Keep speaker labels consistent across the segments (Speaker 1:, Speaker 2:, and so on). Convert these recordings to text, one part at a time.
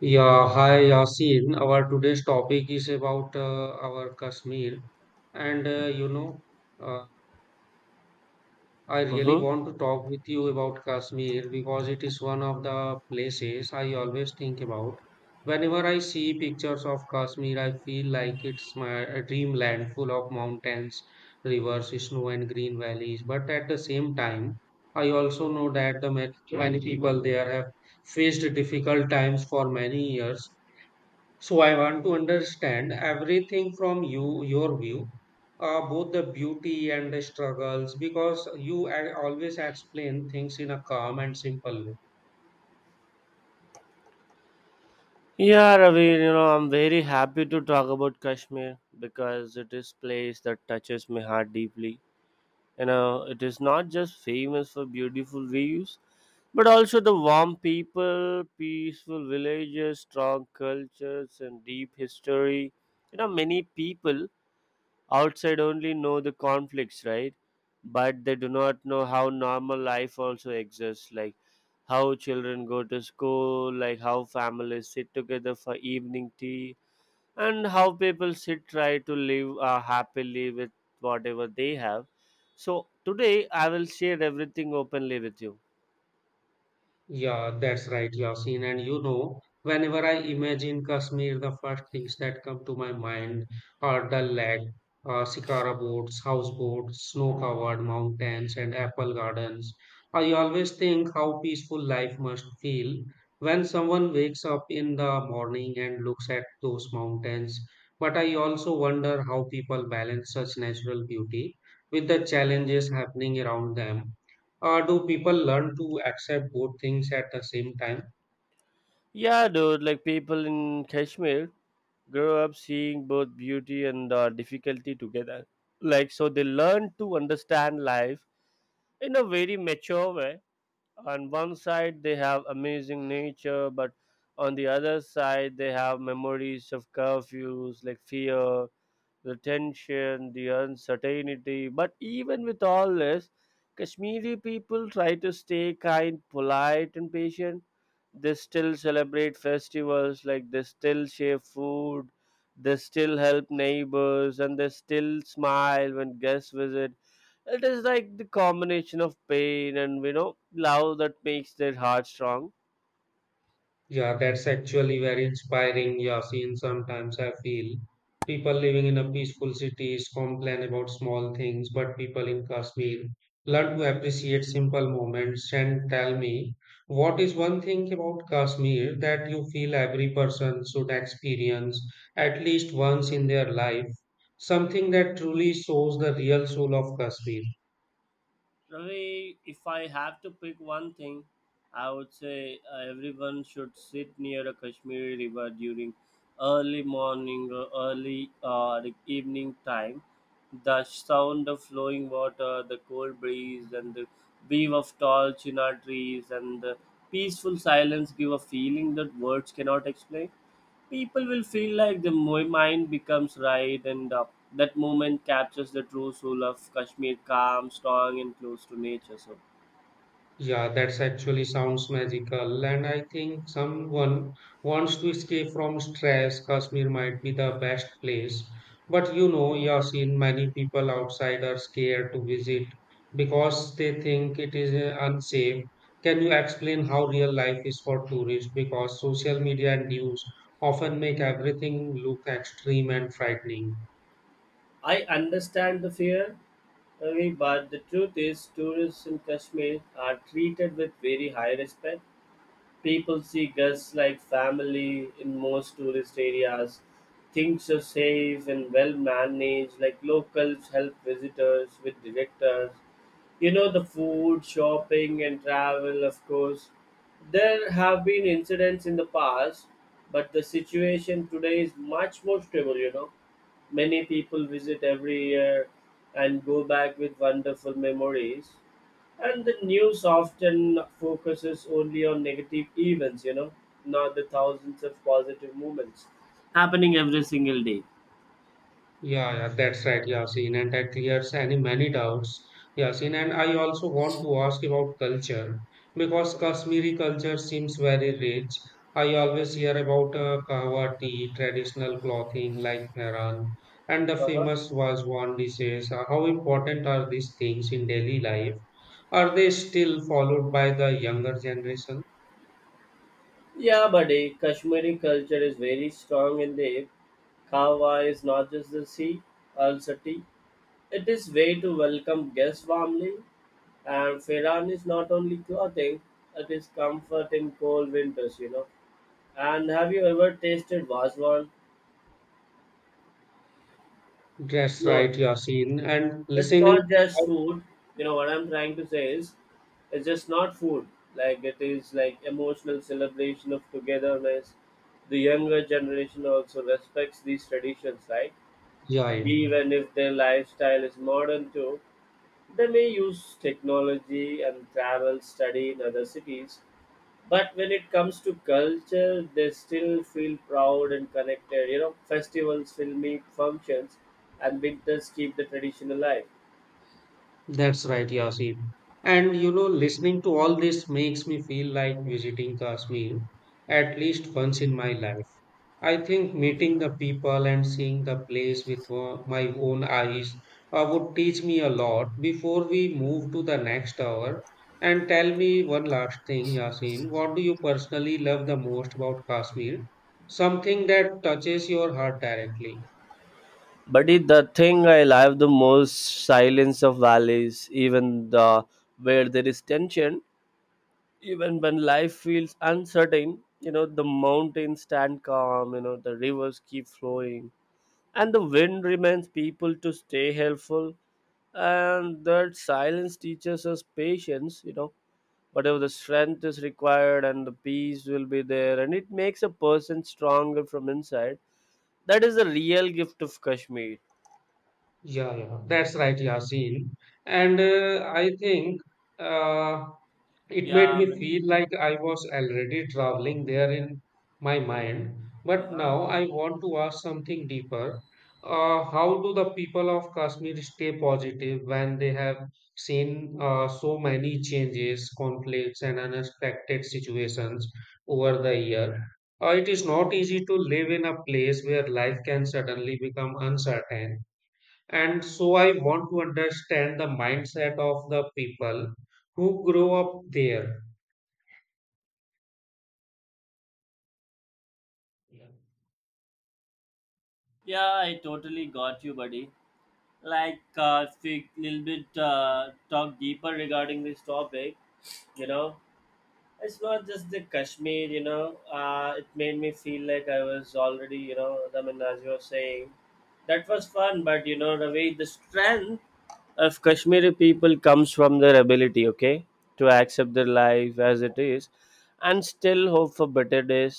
Speaker 1: Yeah, hi Yasin. Our today's topic is about our Kashmir, and uh, I really
Speaker 2: Mm-hmm.
Speaker 1: want to talk with you about Kashmir because it is one of the places I always think about. Whenever I see pictures of Kashmir, I feel like it's my a dreamland full of mountains, rivers, snow, and green valleys. But at the same time, I also know that many people there have faced difficult times for many years, so I want to understand everything from you, your view, both the beauty and the struggles, because you always explain things in a calm and simple way.
Speaker 2: Yeah, Ravi, you know, I'm very happy to talk about Kashmir because it is place that touches my heart deeply. You know, it is not just famous for beautiful views, but also the warm people, peaceful villages, strong cultures, and deep history. You know, many people outside only know the conflicts, right, but they do not know how normal life also exists, like how children go to school, like how families sit together for evening tea, and how people sit try to live happily with whatever they have. So today I will share everything openly with you.
Speaker 1: Yeah, that's right, Yasin. And you know, whenever I imagine Kashmir, the first things that come to my mind are the lake, shikara boats, houseboats, snow-covered mountains, and apple gardens. I always think how peaceful life must feel when someone wakes up in the morning and looks at those mountains. But I also wonder how people balance such natural beauty with the challenges happening around them. Do people learn to accept both things at the same time?
Speaker 2: Yeah, dude, like people in Kashmir grow up seeing both beauty and difficulty together. Like, so they learn to understand life in a very mature way. On one side, they have amazing nature, but on the other side, they have memories of curfews, like fear, the tension, the uncertainty. But even with all this, Kashmiri people try to stay kind, polite, and patient. They still celebrate festivals, like they still share food, they still help neighbors, and they still smile when guests visit. It is like the combination of pain and, you know, love that makes their heart strong.
Speaker 1: Yeah, that's actually very inspiring. Yeah, seen sometimes I feel people living in a peaceful cities complain about small things, but people in Kashmir learn to appreciate simple moments. And tell me, what is one thing about Kashmir that you feel every person should experience at least once in their life? Something that truly shows the real soul of Kashmir.
Speaker 2: Ravi, if I have to pick one thing, I would say everyone should sit near a Kashmiri river during early morning or early like evening time. The sound of flowing water, the cold breeze, and the wave of tall chinar trees, and the peaceful silence give a feeling that words cannot explain. People will feel like the mind becomes right, and that moment captures the true soul of Kashmir: calm, strong, and close to nature. So
Speaker 1: Yeah, that's actually sounds magical. And I think someone wants to escape from stress, Kashmir might be the best place. But you know, Yasin, many people outside are scared to visit because they think it is unsafe. Can you explain how real life is for tourists? Because social media and news often make everything look extreme and frightening.
Speaker 2: I understand the fear, Ravi, but the truth is tourists in Kashmir are treated with very high respect. People see guests like family. In most tourist areas, things are safe and well managed, like locals help visitors with directors. You know, the food, shopping, and travel, of course. There have been incidents in the past, but the situation today is much more stable, you know. Many people visit every year and go back with wonderful memories. And the news often focuses only on negative events, you know, not the thousands of positive movements happening every single day.
Speaker 1: Yeah, yeah, that's right, Yasin, and that clears any many doubts. Yasin, and I also want to ask about culture because
Speaker 2: Mhm.
Speaker 1: Kashmiri culture seems very rich. I always hear about kahwa tea, traditional clothing like Mehran, and the
Speaker 2: Uh-huh.
Speaker 1: famous Wazwan dishes. How important are these things in daily life? Are they still followed by the younger generation?
Speaker 2: Yeah, buddy, Kashmiri culture is very strong in the Kahwa. Is not just the sea, also tea. It is way to welcome guests warmly. And Firan is not only clothing, it is comfort in cold winters, you know. And have you ever tasted Vazwan?
Speaker 1: That's
Speaker 2: No.
Speaker 1: right, Yasin, and
Speaker 2: It's
Speaker 1: listening.
Speaker 2: not just food. You know what I'm trying to say is, it's just not food. Like it is like emotional celebration of togetherness. The younger generation also respects these traditions, right?
Speaker 1: Yeah, yeah.
Speaker 2: Even if their lifestyle is modern too, they may use technology and travel, study in other cities, but when it comes to culture, they still feel proud and connected. You know, festivals, film meet functions, and winters keep the tradition alive.
Speaker 1: That's right, Yasin. And you know, listening to all this makes me feel like visiting Kashmir at least once in my life. I think meeting the people and seeing the place with my own eyes. Would teach me a lot. Before we move to the next hour, and tell me one last thing, Yasin, what do you personally love the most about Kashmir? Something that touches your heart directly.
Speaker 2: Buddy, the thing I love the most: silence of valleys, even the where there is tension, even when life feels uncertain, you know, the mountains stand calm, you know, the rivers keep flowing. And the wind reminds people to stay helpful. And that silence teaches us patience, you know, whatever the strength is required and the peace will be there. And it makes a person stronger from inside. That is the real gift of Kashmir.
Speaker 1: Yeah, yeah, that's right, Yasin. And I think uh, it
Speaker 2: Yeah,
Speaker 1: made
Speaker 2: I
Speaker 1: me
Speaker 2: mean,
Speaker 1: feel like I was already traveling there in my mind. But
Speaker 2: uh-huh.
Speaker 1: now I want to ask something deeper. How do the people of Kashmir stay positive when they have seen so many changes, conflicts, and unexpected situations over the year? It is not easy to live in a place where life can suddenly become uncertain and so I want to understand the mindset of the people who grow up there. Yeah.
Speaker 2: Yeah, I totally got you, buddy. Like, speak little bit, talk deeper regarding this topic. You know, it's not just the Kashmir. You know, it made me feel like I was already. You know, I mean, as you were saying, that was fun. But you know, the way the strength of Kashmiri people comes from their ability, okay, to accept their life as it is, and still hope for better days.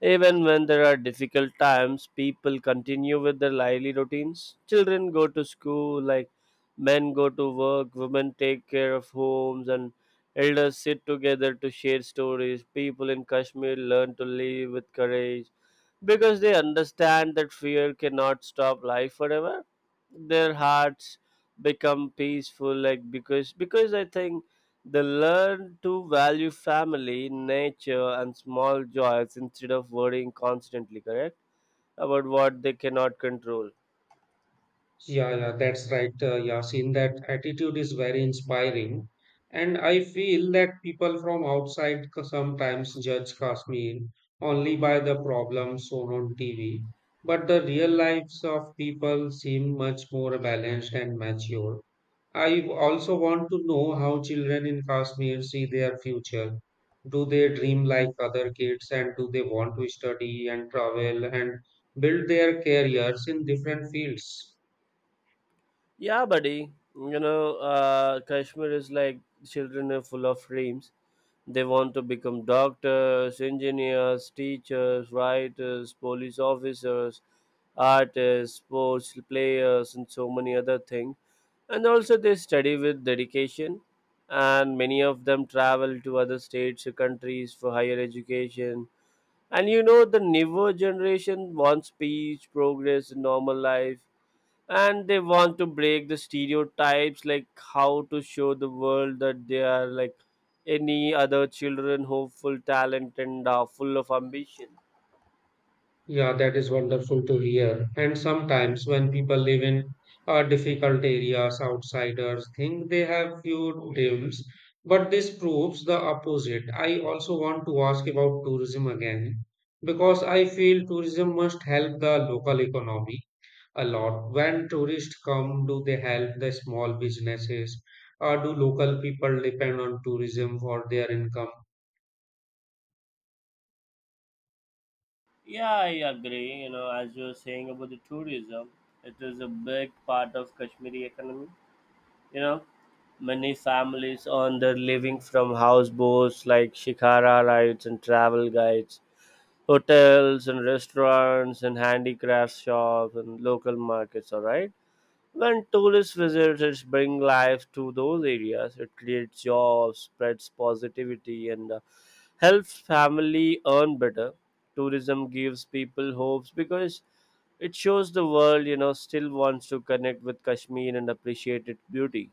Speaker 2: Even when there are difficult times, people continue with their lively routines. Children go to school, like men go to work, women take care of homes, and elders sit together to share stories. People in Kashmir learn to live with courage because they understand that fear cannot stop life forever. Their hearts become peaceful, like because I think they learn to value family, nature, and small joys instead of worrying constantly, correct? About what they cannot control.
Speaker 1: Yeah, yeah, that's right, Yasin. That attitude is very inspiring. And I feel that people from outside sometimes judge Kashmir only by the problems shown on TV. But the real lives of people seem much more balanced and mature. I also want to know how children in Kashmir see their future. Do they dream like other kids and do they want to study and travel and build their careers in different fields?
Speaker 2: Yeah, buddy. You know, Kashmir is like children are full of dreams. They want to become doctors, engineers, teachers, writers, police officers, artists, sports players, and so many other things, and also they study with dedication, and many of them travel to other states or countries for higher education. And you know, the newer generation wants peace, progress, and normal life, and they want to break the stereotypes, like how to show the world that they are like any other children, hopeful, talent, and are full of ambition.
Speaker 1: Yeah, that is wonderful to hear. And sometimes when people live in difficult areas, outsiders think they have few dreams, but this proves the opposite. I also want to ask about tourism again because I feel tourism must help the local economy a lot. When tourists come, do they help the small businesses or do local people depend on tourism for their income?
Speaker 2: Yeah, I agree. You know, as you were saying about the tourism, it is a big part of Kashmiri economy. You know, many families earn their living from houseboats like shikara rides and travel guides, hotels and restaurants and handicraft shops and local markets. All right. When tourist visitors bring life to those areas, it creates jobs, spreads positivity, and helps family earn better. Tourism gives people hopes because it shows the world, you know, still wants to connect with Kashmir and appreciate its beauty.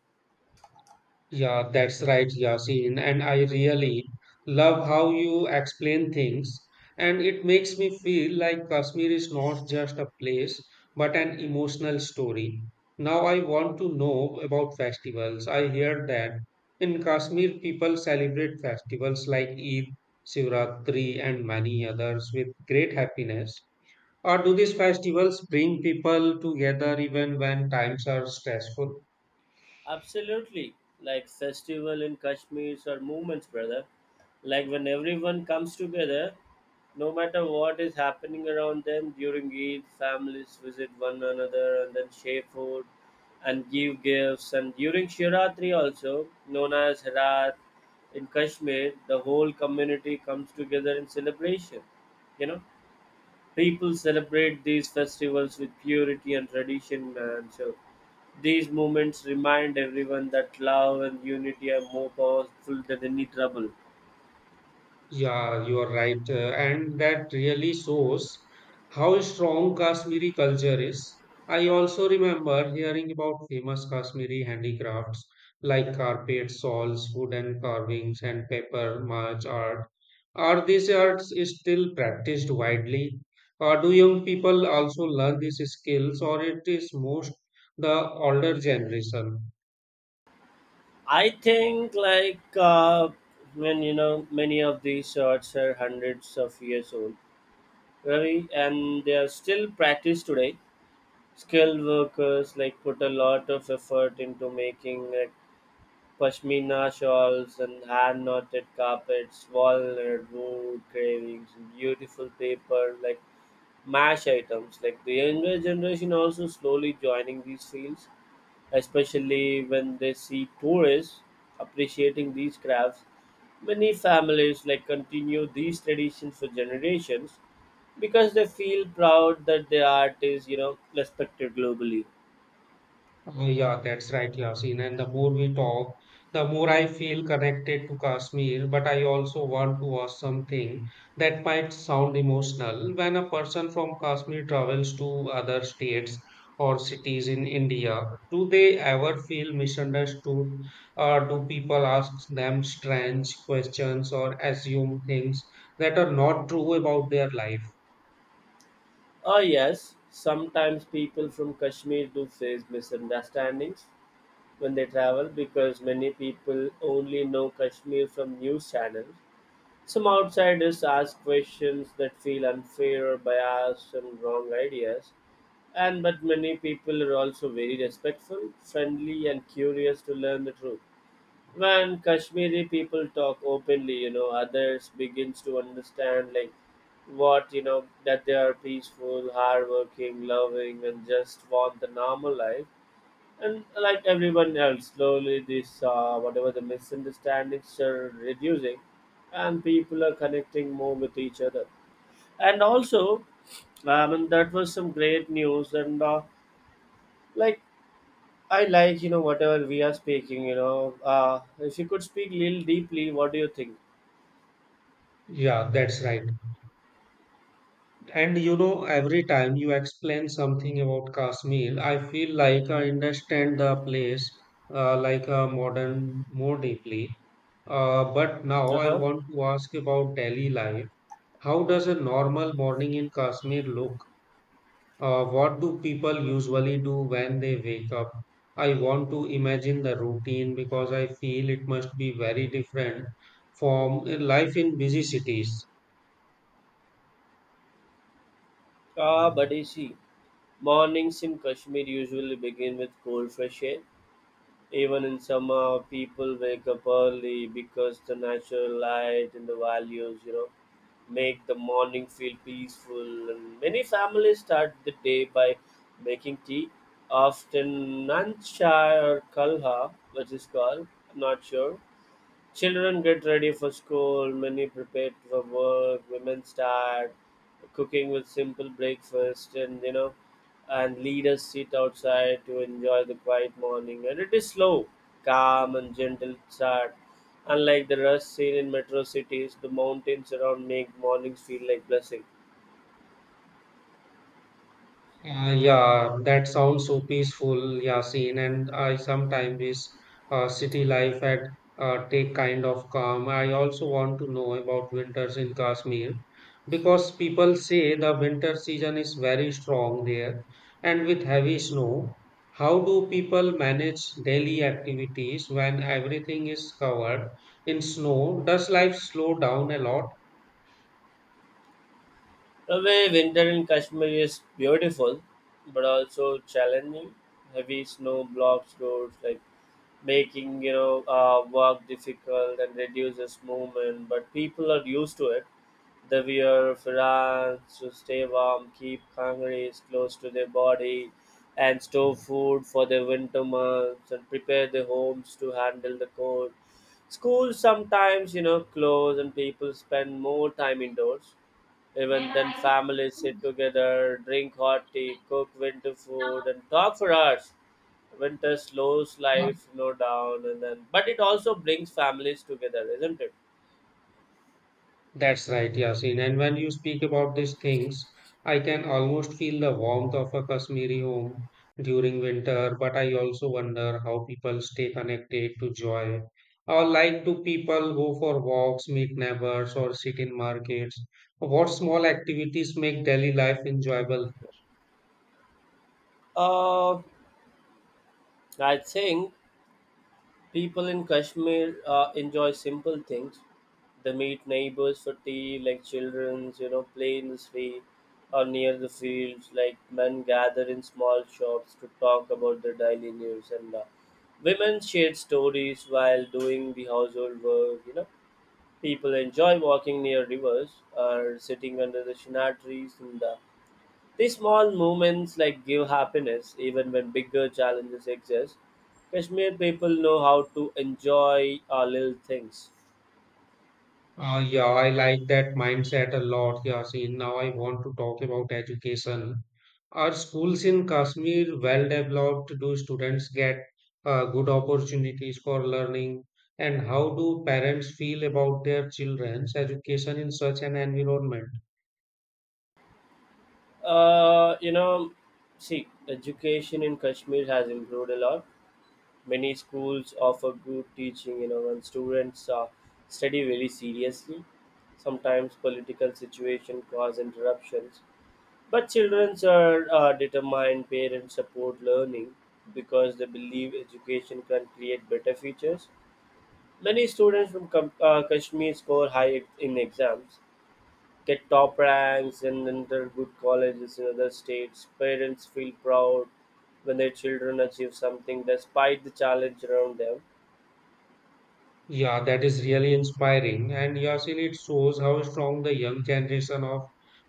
Speaker 1: Yeah, that's right, Yasin. And I really love how you explain things. And it makes me feel like Kashmir is not just a place, but an emotional story. Now I want to know about festivals. I hear that in Kashmir, people celebrate festivals like Eid, Shivratri, and many others with great happiness. Or do these festivals bring people together even when times are stressful?
Speaker 2: Absolutely, like festival in Kashmir or movements, brother. Like when everyone comes together, no matter what is happening around them during Eid, families visit one another and then share food and give gifts. And during Shivratri, also known as Harat in Kashmir, the whole community comes together in celebration. You know, people celebrate these festivals with purity and tradition, man. So these moments remind everyone that love and unity are more powerful than any trouble.
Speaker 1: Yeah, you are right. And that really shows how strong Kashmiri culture is. I also remember hearing about famous Kashmiri handicrafts like carpet, shawls, wooden carvings, and paper mache art. Are these arts still practiced widely? Or do young people also learn these skills, or it is most the older generation?
Speaker 2: I think, like, when you know, many of these shirts are hundreds of years old, very, and they are still practiced today. Skilled workers like put a lot of effort into making like pashmina shawls and hand knotted carpets, walnut wood carvings, and beautiful paper like mash items. Like the younger generation also slowly joining these fields, especially when they see tourists appreciating these crafts. Many families like continue these traditions for generations because they feel proud that their art is, you know, respected globally.
Speaker 1: Oh, yeah, that's right, Yasin. And the more we talk, the more I feel connected to Kashmir. But I also want to ask something that might sound emotional. When a person from Kashmir travels to other states or cities in India, do they ever feel misunderstood? Or do people ask them strange questions or assume things that are not true about their life?
Speaker 2: Oh yes, sometimes people from Kashmir do face misunderstandings when they travel because many people only know Kashmir from news channels. Some outsiders ask questions that feel unfair or biased and wrong ideas. And but many people are also very respectful, friendly, and curious to learn the truth. When Kashmiri people talk openly, you know, others begins to understand like what you know, that they are peaceful, hardworking, loving, and just want the normal life. And like everyone else, slowly this whatever the misunderstandings are reducing, and people are connecting more with each other. And also, and that was some great news. And like I like you know whatever we are speaking. You know, if you could speak little deeply, what do you think?
Speaker 1: Yeah, that's right. And you know, every time you explain something about Kashmir, I feel like I understand the place like a modern more deeply. But now
Speaker 2: Uh
Speaker 1: I
Speaker 2: huh.
Speaker 1: want to ask about daily life. How does a normal morning in Kashmir look? What do people usually do when they wake up? I want to imagine the routine because I feel it must be very different from life in busy cities.
Speaker 2: Ah, buddy, see, mornings in Kashmir usually begin with cold fresh air. Even in summer, people wake up early because the natural light and the values, you know, make the morning feel peaceful. And many families start the day by making tea, often nancha or kalha, which is called. I'm not sure. Children get ready for school, many prepare for work, women start cooking with simple breakfast, and you know, and leaders sit outside to enjoy the quiet morning. And it is slow, calm, and gentle start. Unlike the rush seen in metro cities, the mountains around make mornings feel like blessing.
Speaker 1: Yeah, that sounds so peaceful, Yasin. And I sometimes wish city life had take kind of calm. I also want to know about winters in Kashmir because people say the winter season is very strong there and with heavy snow. How do people manage daily activities when everything is covered in snow? Does life slow down a lot?
Speaker 2: The way winter in Kashmir is beautiful, but also challenging. Heavy snow blocks roads, like making you know work difficult and reduces movement, but people are used to it. They wear fans to stay warm, keep calories close to their body, and store food for the winter months and prepare their homes to handle the cold. Schools sometimes, you know, close and people spend more time indoors. Even then, families sit together, drink hot tea, cook winter food, and talk for hours. Winter slows life, you know, down, and then but it also brings families together, isn't it?
Speaker 1: That's right, Yasin. And when you speak about these things, I can almost feel the warmth of a Kashmiri home during winter, but I also wonder how people stay connected to joy. Or like do people go for walks, meet neighbors, or sit in markets? What small activities make daily life enjoyable?
Speaker 2: Uh, I think people in Kashmir enjoy simple things. They meet neighbors for tea, like children, you know, play in the street or near the fields. Like men gather in small shops to talk about their daily news, and women share stories while doing the household work. You know, people enjoy walking near rivers or sitting under the chenar trees, and these small moments like give happiness even when bigger challenges exist. Kashmir people know how to enjoy little things.
Speaker 1: Yeah, I like that mindset a lot, Yasin. Now I want to talk about education. Are schools in Kashmir well developed? Do students get good opportunities for learning? And how do parents feel about their children's education in such an environment?
Speaker 2: You know, see, education in Kashmir has improved a lot. Many schools offer good teaching, and students study very seriously. Sometimes political situation cause interruptions, but children are determined, parents support learning because they believe education can create better futures. Many students from Kashmir score high in exams, get top ranks, and enter good colleges in other states. Parents feel proud when their children achieve something despite the challenge around them.
Speaker 1: Yeah, that is really inspiring. And Yasin, it shows how strong the young generation of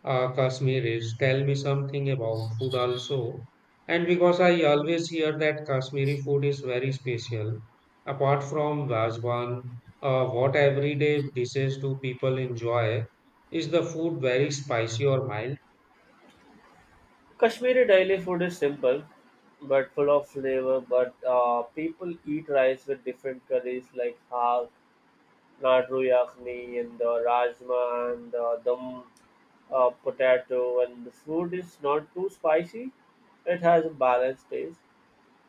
Speaker 1: Kashmir is. Tell me something about food also. And because I always hear that Kashmiri food is very special, apart from Vazwan, what everyday dishes do people enjoy? Is the food very spicy or mild?
Speaker 2: Kashmiri daily food is simple but full of flavor, but people eat rice with different curries like half Laddu Yakhni and the Rajma and the dum potato, and the food is not too spicy. It has a balanced taste.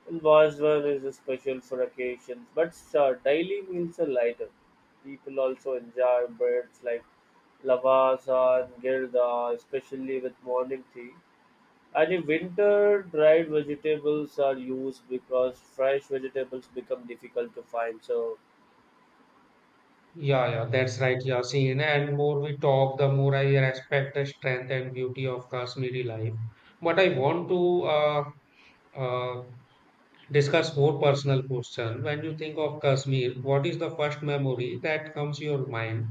Speaker 2: And Vazwan is a special for occasions, but daily meals are lighter. People also enjoy breads like lavasa and girda, especially with morning tea. And in winter, dried vegetables are used because fresh vegetables become difficult to find. So
Speaker 1: Yeah, yeah, that's right, Yasin. And more we talk, the more I respect the strength and beauty of Kashmiri life. But I want to uh, uh, discuss more personal question. When you think of Kashmir, what is the first memory that comes to your mind,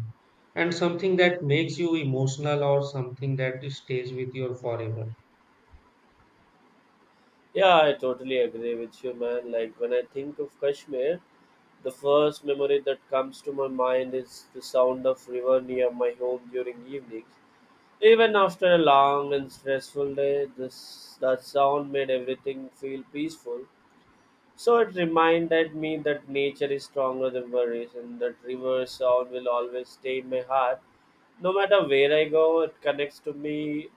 Speaker 1: and something that makes you emotional, or something that stays with you forever?
Speaker 2: yeah, I totally agree with you, man. Like when I think of Kashmir, the first memory that comes to my mind is the sound of river near my home during evenings. Even after a long and stressful day, this that sound made everything feel peaceful. So it reminded me that nature is stronger than worries, and that river sound will always stay in my heart. No matter where I go, it connects to me,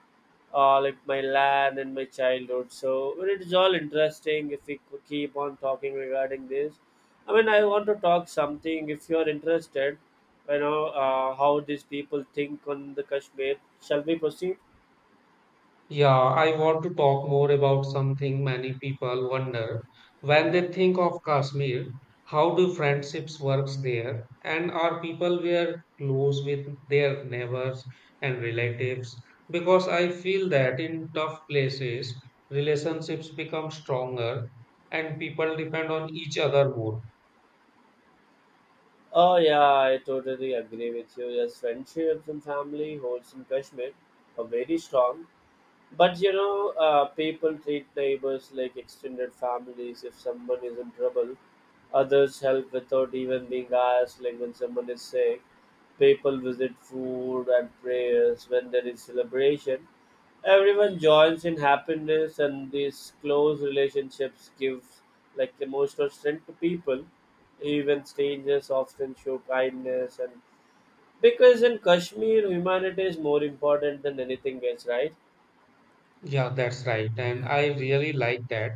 Speaker 2: like my land and my childhood. So it is all interesting if we could keep on talking regarding this. I mean, I want to talk something if you are interested, how these people think on the Kashmir. Shall we proceed?
Speaker 1: Yeah, I want to talk more about something many people wonder when
Speaker 2: Mhm.
Speaker 1: they think of Kashmir. How do friendships works there? And are people were close with their neighbors and relatives? Because I feel that in tough places, relationships become stronger and people depend on each other more.
Speaker 2: Oh yeah, I totally agree with you. Yes, friendships and family holds in Kashmir are very strong. But people treat neighbors like extended families. If someone is in trouble, others help without even being asked. Like when someone is sick, people visit food and prayers. When there is celebration, everyone joins in happiness, and these close relationships give like emotional strength to people. Even strangers often show kindness, and because in Kashmir, humanity is more important than anything else, right?
Speaker 1: Yeah, that's right. And I really like that.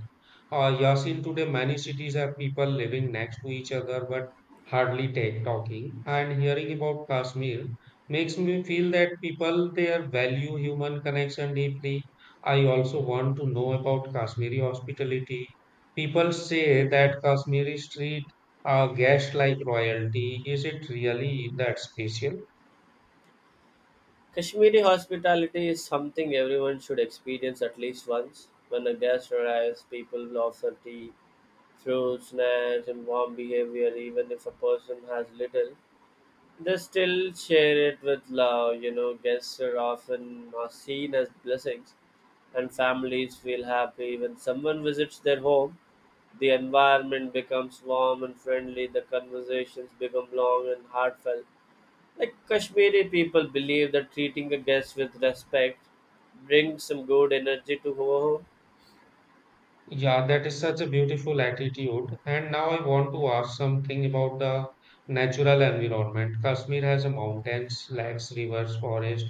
Speaker 1: Yasin, today many cities have people living next to each other but hardly take talking. And hearing about Kashmir makes me feel that people there value human connection deeply. I also want to know about Kashmiri hospitality. People say that Kashmiri street are guests like royalty. Is it really that special?
Speaker 2: Kashmiri hospitality is something everyone should experience at least once. When a guest arrives, people offer tea, fruits, snacks, and warm behavior. Even if a person has little, they still share it with love. You know, guests are often are seen as blessings, and families feel happy when someone visits their home. The environment becomes warm and friendly. The conversations become long and heartfelt, like Kashmiri people believe that treating a guest with respect brings some good energy to our home.
Speaker 1: Yeah, that is such a beautiful attitude. And now I want to ask something about the natural environment. Kashmir has a mountains, lakes, rivers, forest,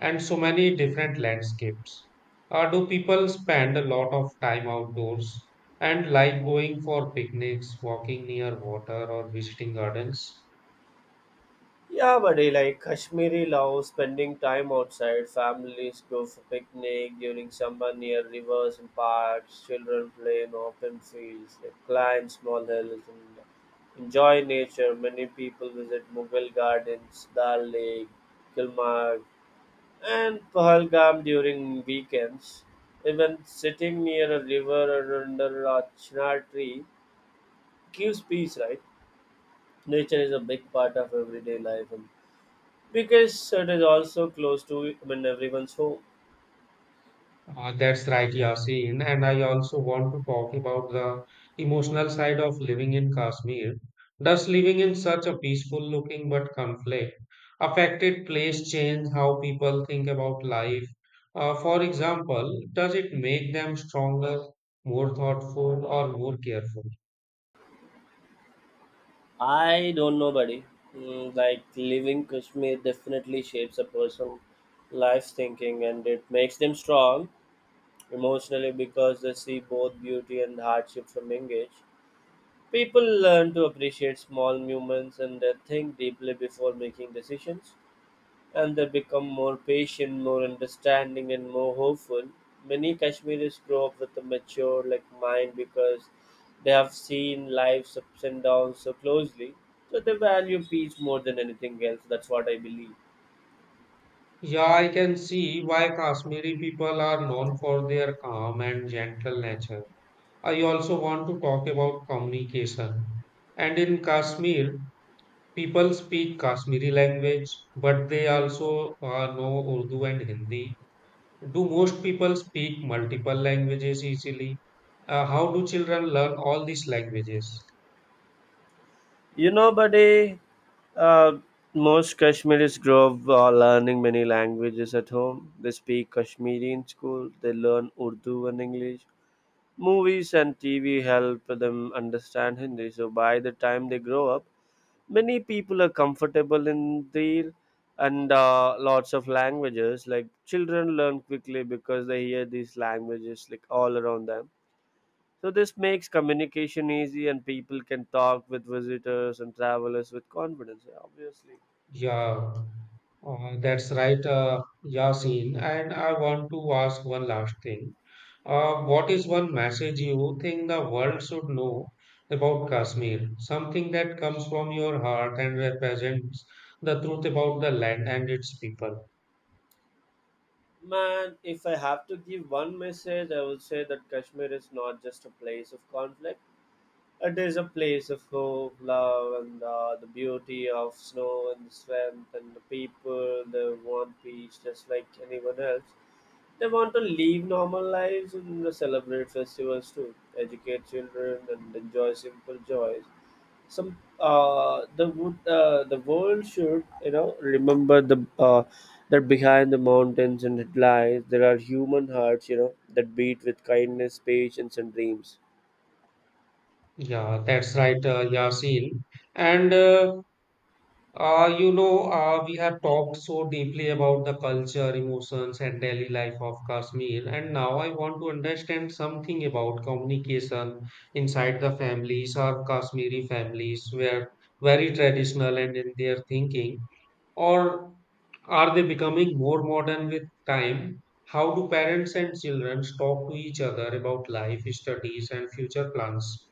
Speaker 1: and so many different landscapes. Do people spend a lot of time outdoors and like going for picnics, walking near water, or visiting gardens?
Speaker 2: Yeah, buddy, like Kashmiri love spending time outside. Families go for picnic during summer near rivers and parks. Children play in open fields, like climb small hills and enjoy nature. Many people visit Mughal gardens, Dal Lake, Kilmarg, and Pahalgam during weekends. Even sitting near a river or under a chinar tree gives peace, right? Nature is a big part of everyday life, and because it is also close to, I mean, everyone's home.
Speaker 1: That's right, Yasin. And I also want to talk about the emotional side of living in Kashmir. Does living in such a peaceful looking but conflict affected place change how people think about life? For example, does it make them stronger, more thoughtful, or more careful?
Speaker 2: I don't know, buddy. Mm, like living Kashmir definitely shapes a person' life thinking, and it makes them strong emotionally because they see both beauty and hardship from engage. People learn to appreciate small moments, and think deeply before making decisions, and they become more patient, more understanding, and more hopeful. Many Kashmiris grow up with a mature like mind because they have seen life's ups and downs so closely, so they value peace more than anything else. That's what I believe.
Speaker 1: Yeah, I can see why Kashmiri people are known for their calm and gentle nature. I also want to talk about communication. And in Kashmir, people speak Kashmiri language, but they also know Urdu and Hindi. Do most people speak multiple languages easily? How do children learn all these languages?
Speaker 2: You know, buddy, uh, most Kashmiris grow up learning many languages at home. They speak Kashmiri in school. They learn Urdu and English. Movies and TV help them understand Hindi. So by the time they grow up, many people are comfortable in their, and lots of languages. Like children learn quickly because they hear these languages like all around them. So this makes communication easy, and people can talk with visitors and travelers with confidence. Yeah, obviously.
Speaker 1: Yeah, that's right, Yasin. And I want to ask one last thing.
Speaker 2: Mhm.
Speaker 1: What is one message you think the world should know about Kashmir? Something that comes from your heart and represents the truth about the land and its people.
Speaker 2: Man, if I have to give one message, I would say that Kashmir is not just a place of conflict. It is a place of hope, love, and the beauty of snow and the swamp and the people. They want peace just like anyone else. They want to live normal lives and celebrate festivals too, educate children, and enjoy simple joys. The world should, you know, remember the that behind the mountains and the lies there are human hearts, you know, that beat with kindness, patience, and dreams.
Speaker 1: Yeah, that's right, Yasin. And we have talked so deeply about the culture, emotions, and daily life of Kashmir. And now I want to understand something about communication inside the families or Kashmiri families were very traditional and in their thinking, or are they becoming more modern with time? How do parents and children talk to each other about life, studies, and future plans?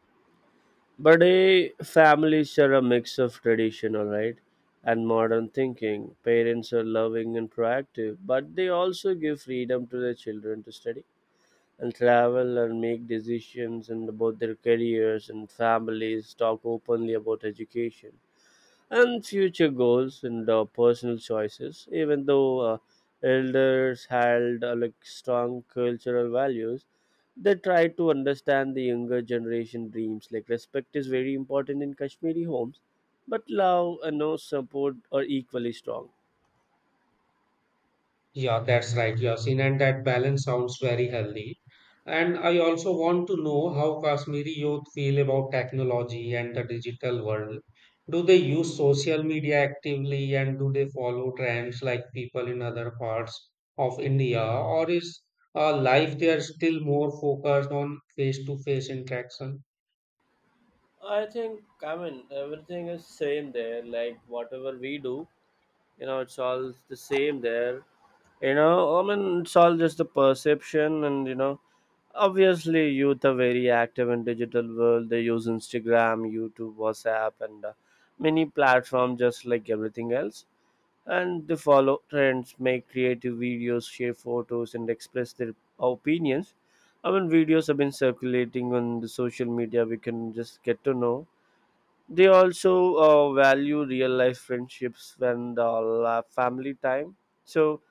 Speaker 2: Buddy, families are a mix of traditional, right, and modern thinking. Parents are loving and proactive, but they also give freedom to their children to study and travel and make decisions and about their careers, and families talk openly about education and future goals and personal choices. Even though elders held like strong cultural values, they try to understand the younger generation dreams. Like respect is very important in Kashmiri homes, but love and no support are equally strong.
Speaker 1: Yeah, that's right, Yasin, and that balance sounds very healthy. And I also want to know how Kashmiri youth feel about technology and the digital world. Do they use social media actively and do they follow trends like people in other parts of India, or is life there still more focused on face-to-face interaction?
Speaker 2: I think, I mean, everything is same there. Like whatever we do, you know, it's all the same there. You know, I mean, it's all just the perception, and you know, obviously, youth are very active in digital world. They use Instagram, YouTube, WhatsApp, and many platforms just like everything else. And they follow trends, make creative videos, share photos, and express their opinions. I mean, videos have been circulating on the social media. We can just get to know. They also value real life friendships and family time. So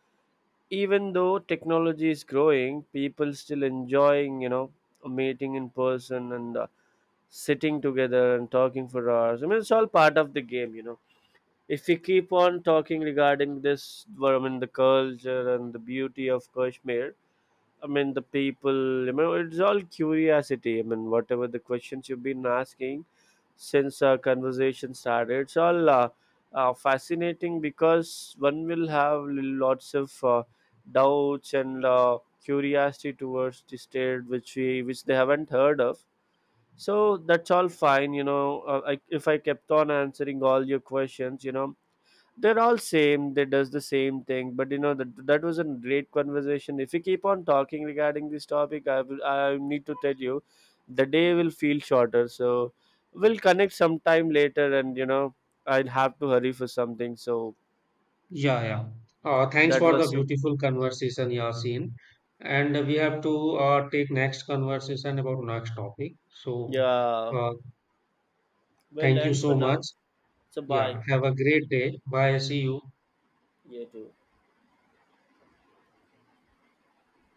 Speaker 2: even though technology is growing, people still enjoying, you know, a meeting in person, and sitting together and talking for hours. I mean, it's all part of the game, you know. If we keep on talking regarding this, well, I mean, the culture and the beauty of Kashmir, I mean, the people, you know, it's all curiosity. I mean, whatever the questions you've been asking since our conversation started, it's all fascinating because one will have lots of doubts and curiosity towards the state which we which they haven't heard of. So that's all fine, you know. If I kept on answering all your questions, you know, they're all same, they does the same thing. But you know, that was a great conversation. If we keep on talking regarding this topic, I need to tell you the day will feel shorter, so we'll connect sometime later, and you know, I'll have to hurry for something. So
Speaker 1: Yeah, yeah. Thanks
Speaker 2: that
Speaker 1: for the
Speaker 2: was some,
Speaker 1: beautiful conversation, Yasin. And we have to take next conversation about next topic. So,
Speaker 2: yeah,
Speaker 1: uh,
Speaker 2: we'll
Speaker 1: thank you
Speaker 2: end
Speaker 1: so
Speaker 2: for
Speaker 1: much.
Speaker 2: now. So bye.
Speaker 1: Yeah, have a great day. Bye. See you.
Speaker 2: You too.